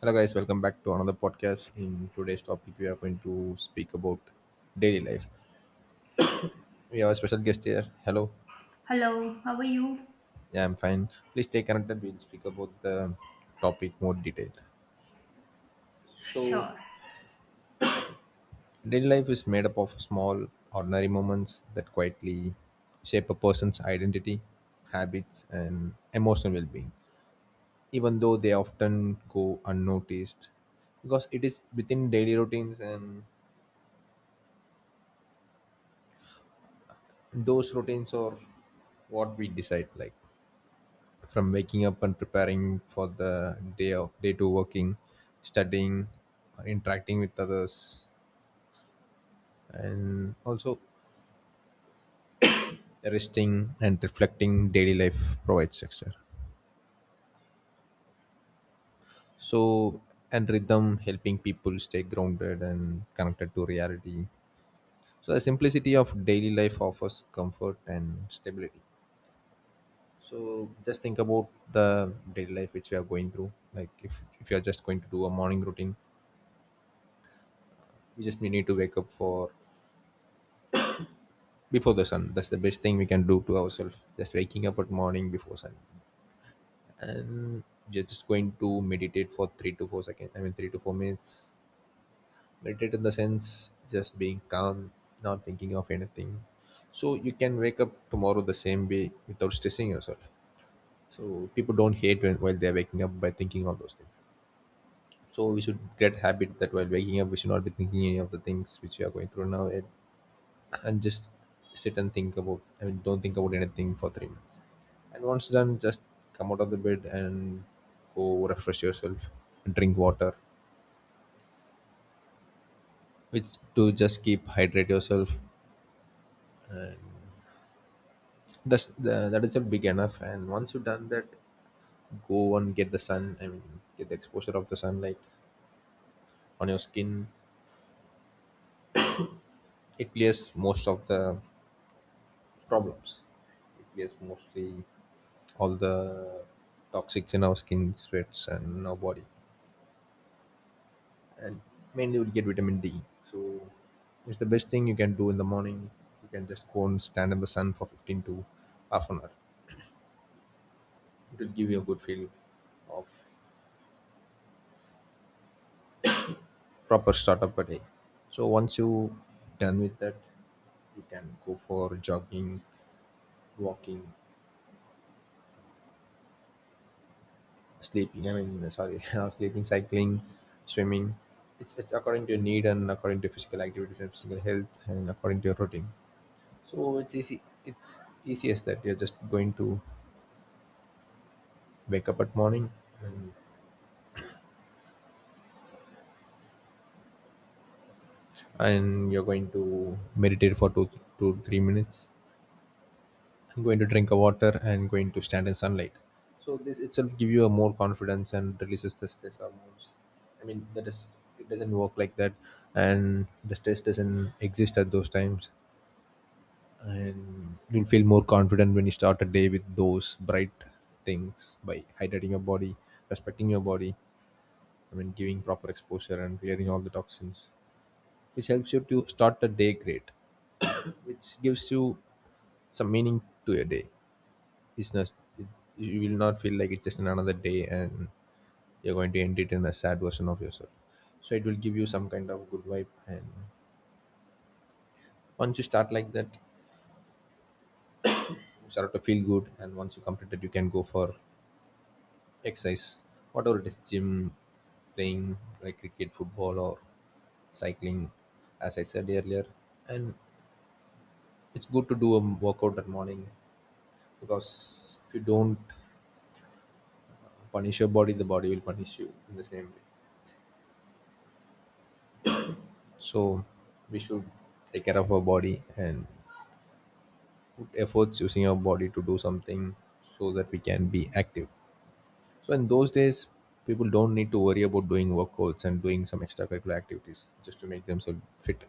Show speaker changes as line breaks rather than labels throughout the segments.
Hello, guys. Welcome back to another podcast. In today's topic, we are going to speak about daily life.
Yes.
We have a special guest here. Hello.
Hello, how are you?
Yeah, I'm fine. Please stay connected. We'll speak about the topic more detailed. So,
Sure.
daily life is made up of small, ordinary moments that quietly shape a person's identity, habits, and emotional well-being, even though they often go unnoticed because it is within daily routines, and those routines are what we decide, like from waking up and preparing for the day of day to working, studying, or interacting with others, and also resting and reflecting. Daily life provides success, so, and rhythm, helping people stay grounded and connected to reality. So the simplicity of daily life offers comfort and stability. So just think about the daily life which we are going through, like if you are just going to do a morning routine, you just need to wake up for before the sun. That's the best thing we can do to ourselves, just waking up at morning before sun. And just going to meditate for 3 to 4 seconds, I mean 3 to 4 minutes. Meditate in the sense just being calm, not thinking of anything, so you can wake up tomorrow the same way without stressing yourself. So people don't hate when while they're waking up by thinking all those things. So we should get habit that while waking up we should not be thinking any of the things which we are going through now. And just sit and think about, I mean, don't think about anything for 3 minutes. And once done, just come out of the bed and go refresh yourself, drink water, which to just keep hydrate yourself. And that's the, that itself big enough. And once you've done that, go and get the sun. I mean, get the exposure of the sunlight on your skin. It clears most of the problems. It clears mostly all the toxics in our skin, sweats, and in our body. And mainly you'll get vitamin D. So it's the best thing you can do in the morning. You can just go and stand in the sun for 15 to half an hour. It will give you a good feel of proper start of a day. So once you done with that, you can go for jogging, walking, sleeping. I mean, sorry, not sleeping, cycling, swimming. It's according to your need and according to physical activities and physical health and according to your routine. So it's easy. It's easy as that. You're just going to wake up at morning, and and you're going to meditate for 2 to 3 minutes. I'm going to drink a water and going to stand in sunlight. So this itself give you a more confidence and releases the stress hormones. I mean that is, it doesn't work like that, and the stress doesn't exist at those times. And you'll feel more confident when you start a day with those bright things by hydrating your body, respecting your body. I mean, giving proper exposure and clearing all the toxins, which helps you to start the day great, which gives you some meaning to your day. It's not it, you will not feel like it's just another day and you're going to end it in a sad version of yourself. So it will give you some kind of good vibe, and once you start like that, you start to feel good. And once you complete it, you can go for exercise, whatever it is, gym, playing like cricket, football, or cycling, as I said earlier. And it's good to do a workout that morning because if you don't punish your body, the body will punish you in the same way. So we should take care of our body and put efforts using our body to do something so that we can be active. So in those days, people don't need to worry about doing workouts and doing some extracurricular activities just to make themselves fit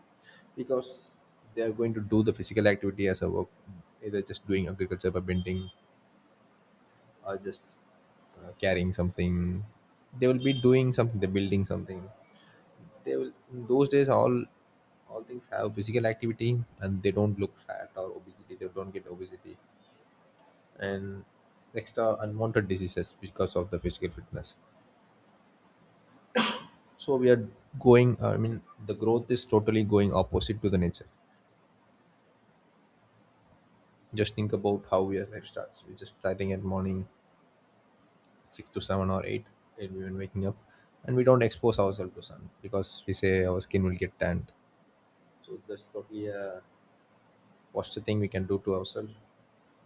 because they are going to do the physical activity as a work, either just doing agriculture by bending or just carrying something. They will be doing something, they're building something. They will in those days, all things have physical activity, and they don't look fat or obesity, they don't get obesity and extra unwanted diseases because of the physical fitness. So we are going I mean the growth is totally going opposite to the nature. Just think about how we are life starts. We're just starting at morning 6 to 7 or 8, and even waking up, and we don't expose ourselves to sun because we say our skin will get tanned. So that's probably a worst thing we can do to ourselves,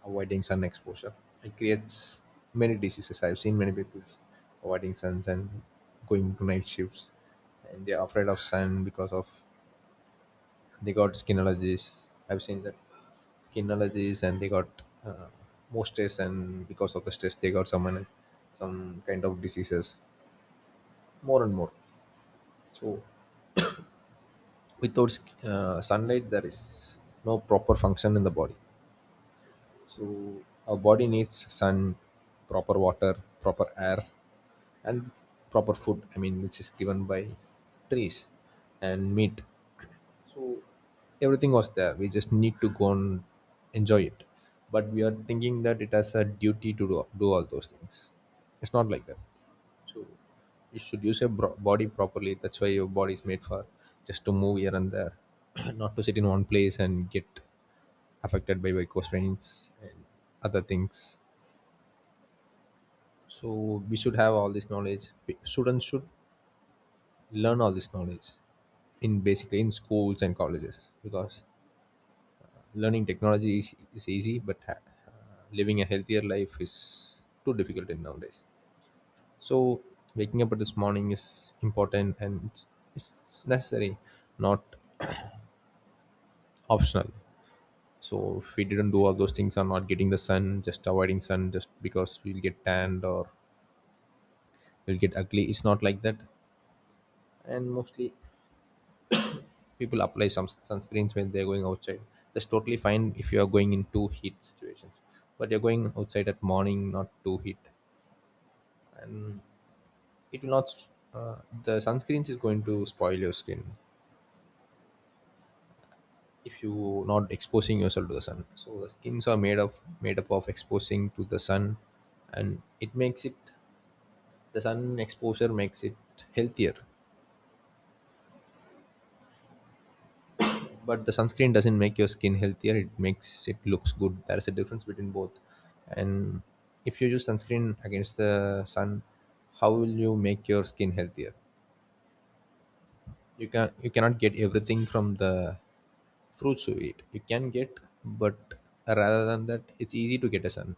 avoiding sun exposure. It creates many diseases. I've seen many people avoiding suns and going to night shifts, and they're afraid of sun because of they got skin allergies. I've seen that skin allergies, and they got uh, more stress, and because of the stress, they got some kind of diseases more and more. So without sunlight, there is no proper function in the body. So our body needs sun, proper water, proper air, and proper food. I mean, which is given by trees and meat. So everything was there, we just need to go and enjoy it. But we are thinking that it has a duty to do, do all those things. It's not like that. So you should use your body properly. That's why your body is made for, just to move here and there, not to sit in one place and get affected by varicose veins and other things. So we should have all this knowledge. Students should learn all this knowledge in basically in schools and colleges because learning technology is easy, but uh, living a healthier life is too difficult in nowadays. So waking up at this morning is important, and it's necessary, not optional. So if we didn't do all those things or not getting the sun, just avoiding sun just because we'll get tanned or we'll get ugly, it's not like that. And mostly people apply some sunscreens when they're going outside. That's totally fine if you are going in too heat situations, but you're going outside at morning, not too heat. And it will not s- uh, the sunscreens is going to spoil your skin if you not exposing yourself to the sun. So the skins are made up, made up of exposing to the sun, and it makes it, the sun exposure makes it healthier. But the sunscreen doesn't make your skin healthier, it makes it looks good. There's a difference between both. And if you use sunscreen against the sun, how will you make your skin healthier? You can, you cannot get everything from the fruits you eat, you can get, but rather than that, it's easy to get a sun.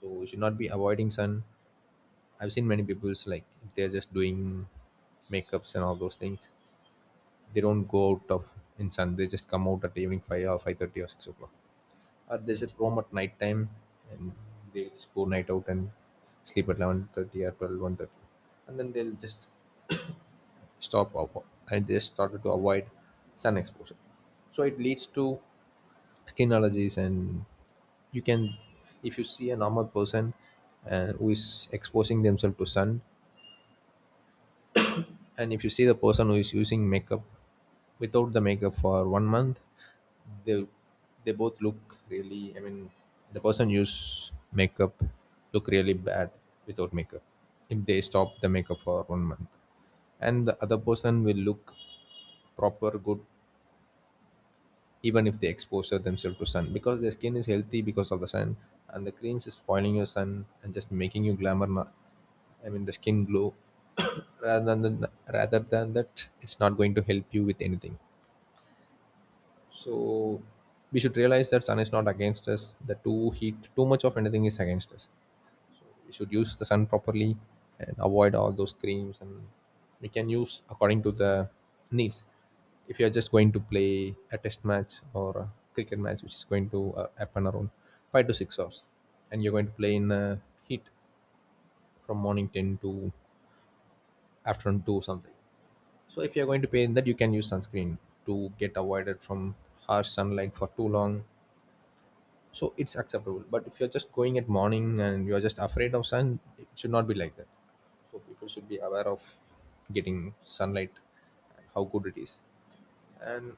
So we should not be avoiding sun. I've seen many people's like if they're just doing makeups and all those things, they don't go out of in sun, they just come out at evening 5 or 5:30 or 6 o'clock. Or they sit roam at night time, and they just go night out and sleep at 11:30 or 12, 1:30. And then they'll just stop avo- and they started to avoid sun exposure. So it leads to skin allergies. And you can, if you see a normal person who is exposing themselves to sun, and if you see the person who is using makeup, without the makeup for 1 month, they they both look really. I mean, the person use makeup look really bad without makeup, if they stop the makeup for 1 month. And the other person will look proper good even if they expose themselves to sun, because their skin is healthy because of the sun. And the creams is spoiling your sun and just making you glamour, not, I mean, the skin glow. rather than Rather than that, it's not going to help you with anything. So we should realize that sun is not against us, the too heat, too much of anything is against us. We should use the sun properly and avoid all those creams. And we can use according to the needs. If you are just going to play a test match or a cricket match which is going to happen around 5 to 6 hours, and you're going to play in heat from morning 10 to afternoon 2 or something, so if you're going to play in that, you can use sunscreen to get avoided from harsh sunlight for too long. So it's acceptable, but if you're just going at morning and you're just afraid of sun, it should not be like that. So people should be aware of getting sunlight and how good it is. And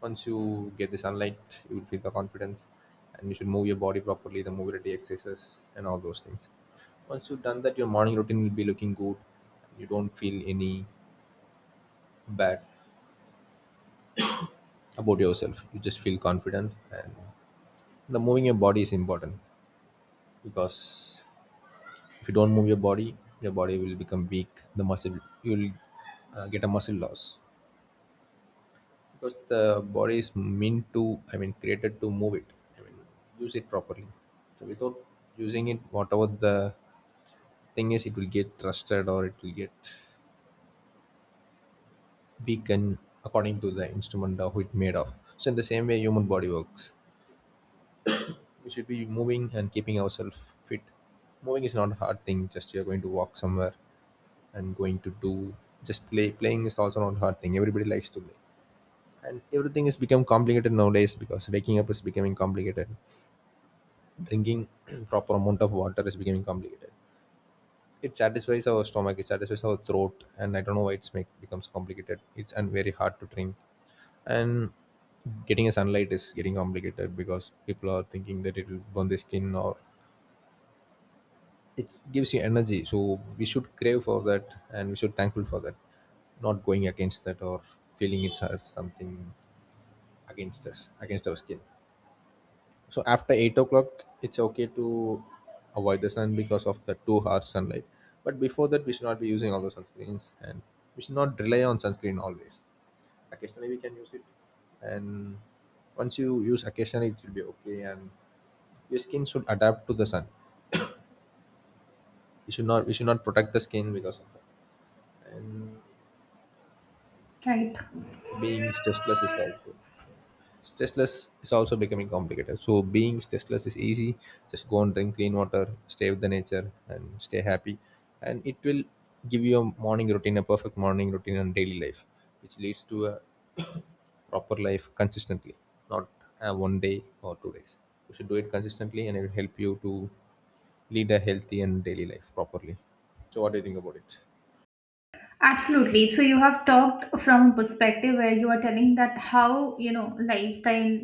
once you get the sunlight, you will feel the confidence, and you should move your body properly, the mobility exercises and all those things. Once you've done that, your morning routine will be looking good. You don't feel any bad about yourself, you just feel confident. And the moving your body is important because if you don't move your body will become weak. The muscle you'll get a muscle loss because the body is meant to, I mean, created to move it. I mean, use it properly. So without using it, whatever the thing is, it will get rusted or it will get weakened according to the instrument of it made of. So in the same way, human body works. We should be moving and keeping ourselves fit. Moving is not a hard thing. Just you are going to walk somewhere and going to do, just play. Playing is also not hard thing, everybody likes to play. And everything has become complicated nowadays because waking up is becoming complicated, drinking proper amount of water is becoming complicated. It satisfies our stomach, it satisfies our throat, and I don't know why it's make becomes complicated, it's and very hard to drink. And getting a sunlight is getting complicated because people are thinking that it will burn their skin. Or it gives you energy, so we should crave for that and we should thankful for that, not going against that or feeling it's something against us, against our skin. So after 8 o'clock it's okay to avoid the sun because of the 2 hours sunlight. But before that we should not be using all those sunscreens, and we should not rely on sunscreen always. Occasionally we can use it, and once you use occasionally it will be okay. And your skin should adapt to the sun. You should not, we should not protect the skin because of that. And
Right.
being stressless is also, stressless is also becoming complicated. So being stressless is easy, just go and drink clean water, stay with the nature and stay happy. And it will give you a morning routine, a perfect morning routine and daily life, which leads to a proper life consistently, not one day or 2 days, you should do it consistently, and it will help you to lead a healthy and daily life properly. So what do you think about it?
Absolutely. So you have talked from a perspective where you are telling that how, you know, lifestyle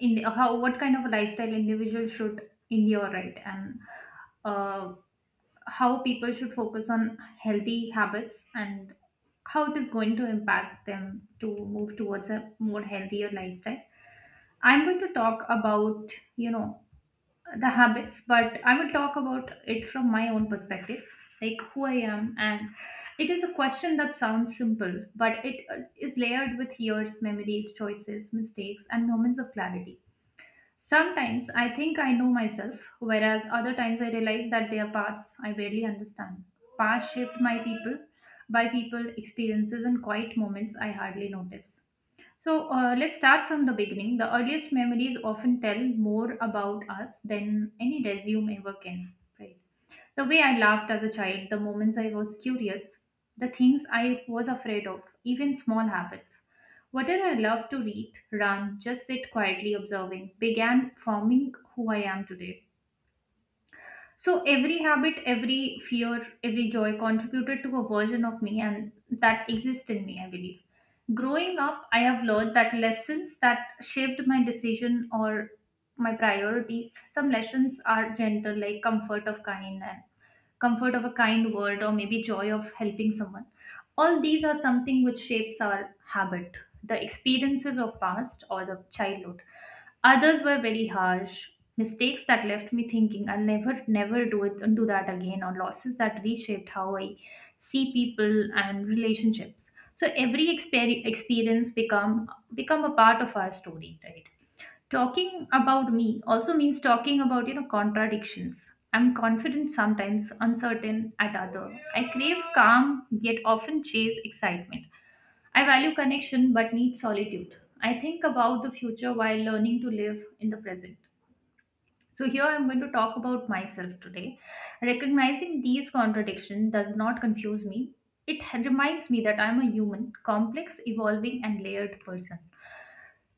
in how what kind of a lifestyle individual should endure, right? And uh, how people should focus on healthy habits and how it is going to impact them to move towards a more healthier lifestyle. I'm going to talk about, you know, the habits, but I will talk about it from my own perspective, like who I am. And it is a question that sounds simple, but it is layered with years, memories, choices, mistakes, and moments of clarity. Sometimes I think I know myself, whereas other times I realize that there are parts I barely understand. Past shaped my people, by people, experiences, and quiet moments I hardly notice. So let's start from the beginning. The earliest memories often tell more about us than any resume ever can. Right. The way I laughed as a child, the moments I was curious, the things I was afraid of, even small habits. Whatever I loved to read, run, just sit quietly observing, began forming who I am today. So every habit, every fear, every joy contributed to a version of me and that exists in me, I believe. Growing up, I have learned that lessons that shaped my decision or my priorities. Some lessons are gentle, like comfort of kind and comfort of a kind word, or maybe joy of helping someone. All these are something which shapes our habit, the experiences of past or the childhood. Others were very harsh, mistakes that left me thinking I'll never, never do it and do that again, or losses that reshaped how I see people and relationships. So every experience become a part of our story, right? Talking about me also means talking about, you know, contradictions. I'm confident sometimes, uncertain at other. I crave calm, yet often chase excitement. I value connection but need solitude. I think about the future while learning to live in the present. So, here I'm going to talk about myself today. Recognizing these contradictions does not confuse me. It reminds me that I'm a human, complex, evolving, and layered person.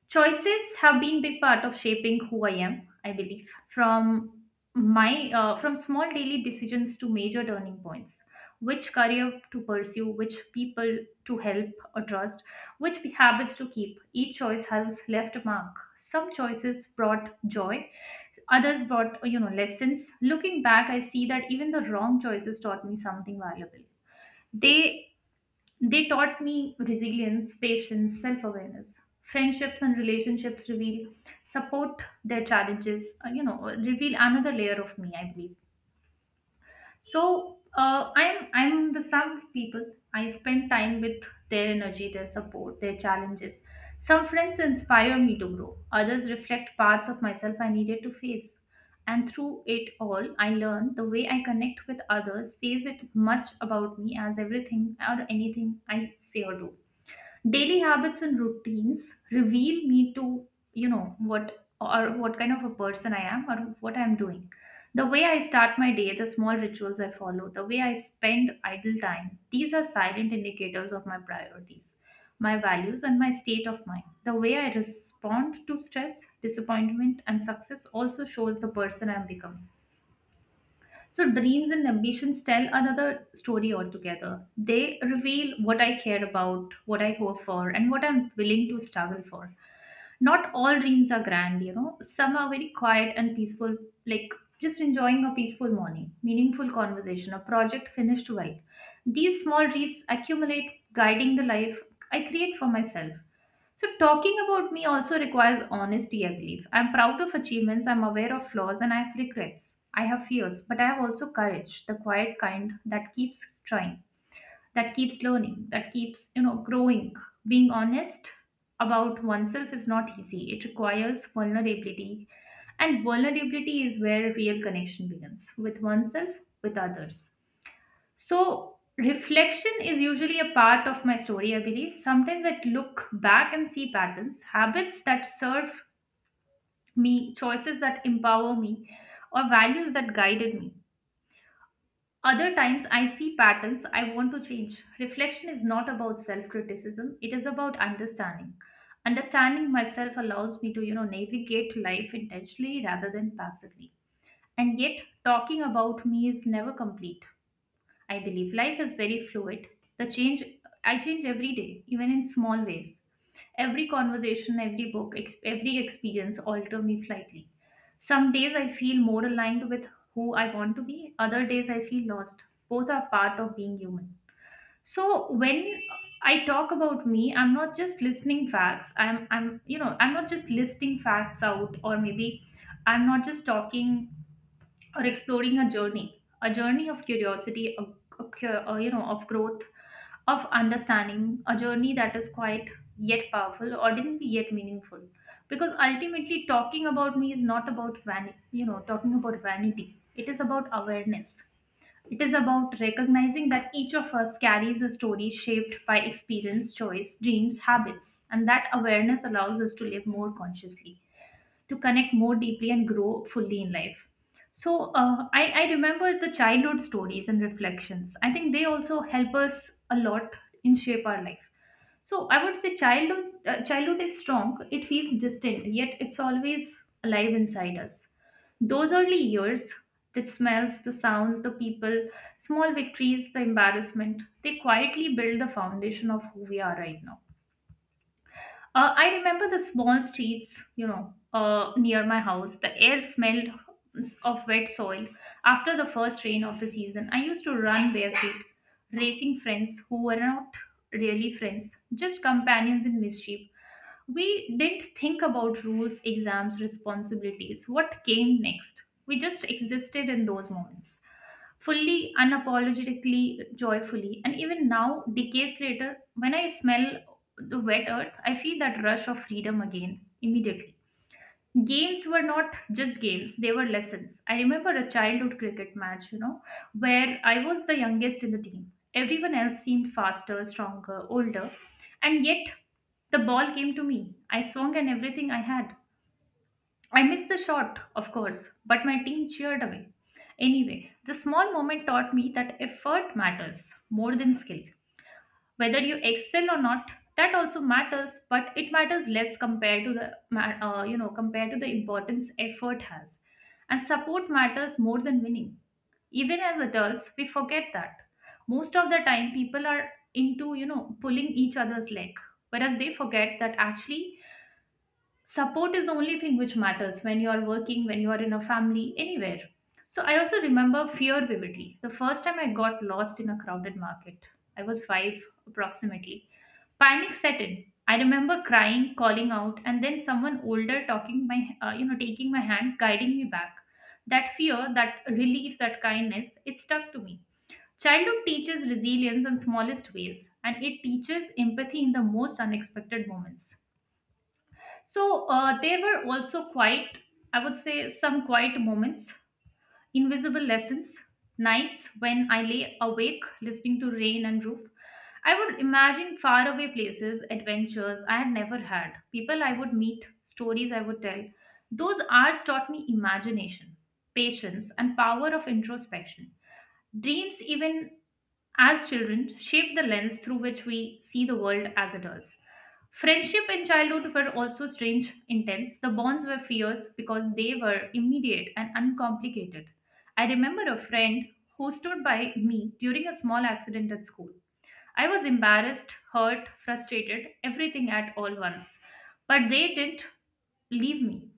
Choices have been big part of shaping who I am, I believe, from my from small daily decisions to major turning points, which career to pursue, which people to help or trust, which habits to keep. Each choice has left a mark. Some choices brought joy, others brought, you know, lessons. Looking back, I see that even the wrong choices taught me something valuable. They they taught me resilience, patience, self awareness. Friendships and relationships reveal, support their challenges, you know, reveal another layer of me, I believe. So I'm the sum of people I spend time with, their energy, their support, their challenges. Some friends inspire me to grow, others reflect parts of myself I needed to face. And through it all, I learn the way I connect with others says it much about me as everything or anything I say or do. Daily habits and routines reveal me to, you know, what or what kind of a person I am or what I'm doing. The way I start my day, the small rituals I follow, the way I spend idle time, these are silent indicators of my priorities, my values, and my state of mind. The way I respond to stress, disappointment, and success also shows the person I'm becoming. So, dreams and ambitions tell another story altogether. They reveal what I care about, what I hope for, and what I'm willing to struggle for. Not all dreams are grand, you know. Some are very quiet and peaceful, like just enjoying a peaceful morning, meaningful conversation, a project finished well. These small dreams accumulate, guiding the life I create for myself. So, talking about me also requires honesty, I believe. I'm proud of achievements, I'm aware of flaws, and I have regrets. I have fears, but I have also courage, the quiet kind that keeps trying, that keeps learning, that keeps, you know, growing. Being honest about oneself is not easy, it requires vulnerability. And vulnerability is where real connection begins, with oneself, with others. So, reflection is usually a part of my story, I believe. Sometimes I look back and see patterns, habits that serve me, choices that empower me, or values that guided me. Other times I see patterns I want to change. Reflection is not about self criticism, it is about understanding. Understanding myself allows me to, you know, navigate life intentionally rather than passively. And yet, talking about me is never complete. I believe life is very fluid. The change I change every day, even in small ways. Every conversation, every book, every experience alter me slightly. Some days I feel more aligned with who I want to be, other days I feel lost. Both are part of being human. So when I talk about me, I'm not just listening facts. I'm You know, I'm not just listing facts out, or maybe I'm not just talking or exploring a journey, a journey of curiosity, you know, of growth, of understanding, a journey that is quite yet powerful, ordinary yet meaningful. Because ultimately, talking about me is not about vanity, you know, talking about vanity. It is about awareness. It is about recognizing that each of us carries a story shaped by experience, choice, dreams, habits, and that awareness allows us to live more consciously, to connect more deeply and grow fully in life. So I remember the childhood stories and reflections. I think they also help us a lot in shape our life. So I would say childhood, childhood is strong. It feels distant, yet it's always alive inside us. Those early years, the smells, the sounds, the people, small victories, the embarrassment, they quietly build the foundation of who we are right now. I remember the small streets, you know, near my house. The air smelled of wet soil. After the first rain of the season, I used to run barefoot, racing friends who were not really friends, just companions in mischief. We didn't think about rules, exams, responsibilities, what came next. We just existed in those moments fully, unapologetically, joyfully. And even now, decades later, when I smell the wet earth, I feel that rush of freedom again immediately. Games were not just games, they were lessons. I remember a childhood cricket match, you know, where I was the youngest in the team. Everyone else seemed faster, stronger, older, and yet the ball came to me. I swung and everything I had, I missed the shot, of course, but my team cheered away. Anyway, the small moment taught me that effort matters more than skill. Whether you excel or not, that also matters, but it matters less compared to the you know, compared to the importance effort has. And support matters more than winning. Even as adults, we forget that. Most of the time, people are into, you know, pulling each other's leg, whereas they forget that actually support is the only thing which matters when you are working, when you are in a family, anywhere. So I also remember fear vividly. The first time I got lost in a crowded market, I was five approximately. Panic set in. I remember crying, calling out, and then someone older talking my, you know, taking my hand, guiding me back. That fear, that relief, that kindness, it stuck to me. Childhood teaches resilience in smallest ways, and it teaches empathy in the most unexpected moments. So there were also quite, I would say, some quiet moments, invisible lessons, nights when I lay awake listening to rain and roof. I would imagine faraway places, adventures I had never had, people I would meet, stories I would tell. Those hours taught me imagination, patience, and power of introspection. Dreams, even as children, shape the lens through which we see the world as adults. Friendship in childhood were also strange, intense. The bonds were fierce because they were immediate and uncomplicated. I remember a friend who stood by me during a small accident at school. I was embarrassed, hurt, frustrated, everything at all once. But they didn't leave me.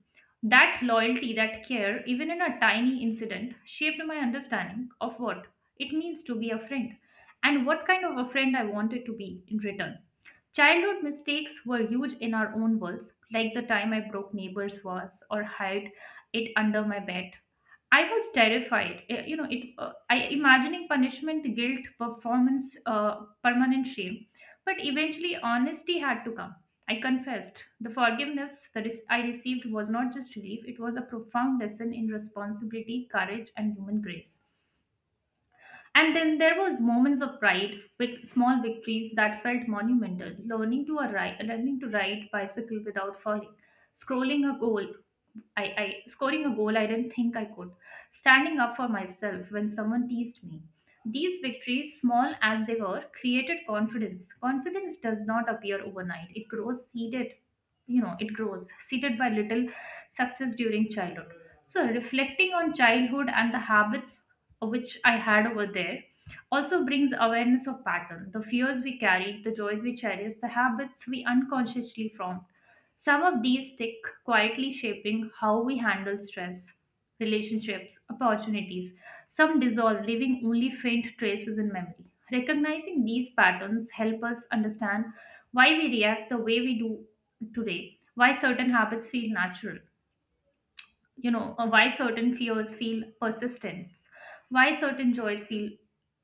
That loyalty, that care, even in a tiny incident, shaped my understanding of what it means to be a friend and what kind of a friend I wanted to be in return. Childhood mistakes were huge in our own worlds, like the time I broke neighbor's vase or hid it under my bed. I was terrified. You know, it. I imagining punishment, guilt, performance, permanent shame. But eventually, honesty had to come. I confessed. The forgiveness that is, I received was not just relief; it was a profound lesson in responsibility, courage, and human grace. And then there was moments of pride with small victories that felt monumental. Learning to ride bicycle without falling, scrolling a goal I scoring a goal I didn't think I could, standing up for myself when someone teased me. These victories, small as they were, created confidence. Confidence does not appear overnight. You know, it grows seeded by little success during childhood. So reflecting on childhood and the habits which I had over there also brings awareness of pattern, the fears we carried, the joys we cherish, the habits we unconsciously formed. Some of these stick, quietly shaping how we handle stress, relationships, opportunities. Some dissolve, leaving only faint traces in memory. Recognizing these patterns help us understand why we react the way we do today, why certain habits feel natural, you know, or why certain fears feel persistent, why certain joys feel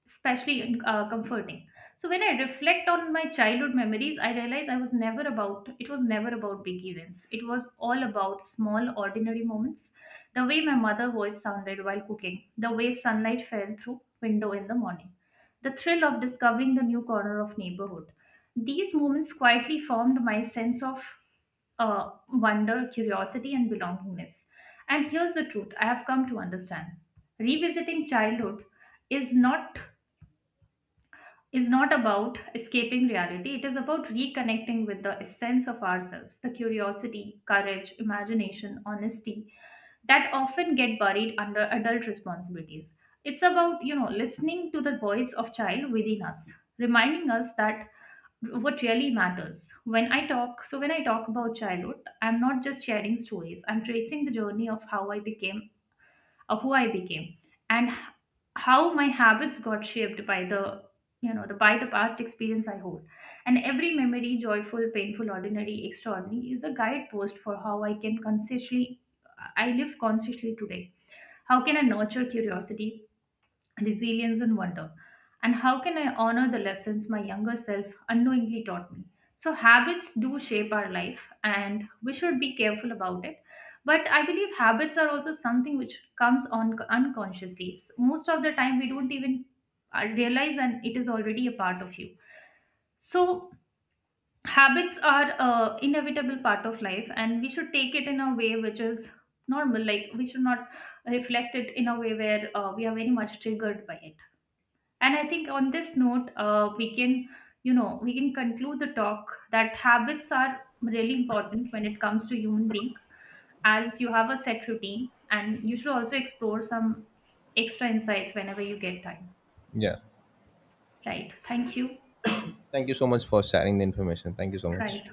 especially comforting. So when I reflect on my childhood memories, I realize I was never about it was never about big events. It was all about small ordinary moments. The way my mother's voice sounded while cooking, the way sunlight fell through window in the morning, the thrill of discovering the new corner of neighborhood. These moments quietly formed my sense of wonder, curiosity, and belongingness. And here's the truth I have come to understand. Revisiting childhood is not is not about escaping reality. It is about reconnecting with the essence of ourselves, the curiosity, courage, imagination, honesty that often get buried under adult responsibilities. It's about, you know, listening to the voice of child within us, reminding us that what really matters. So when I talk about childhood, I'm not just sharing stories. I'm tracing the journey of how I became of who I became and how my habits got shaped by the, you know, the by the past experience I hold. And every memory, joyful, painful, ordinary, extraordinary, is a guidepost for how I live consciously today. How can I nurture curiosity, resilience, and wonder? And how can I honor the lessons my younger self unknowingly taught me? So, habits do shape our life, and we should be careful about it. But I believe habits are also something which comes on unconsciously. Most of the time, we don't even realize, and it is already a part of you. So, habits are inevitable part of life, and we should take it in a way which is normal. Like we should not reflect it in a way where we are very much triggered by it. And I think on this note, we can, you know, we can conclude the talk that habits are really important when it comes to human being, as you have a set routine, and you should also explore some extra insights whenever you get time.
Yeah,
Right. Thank you.
thank you so much for sharing the information, thank you so much.
Right.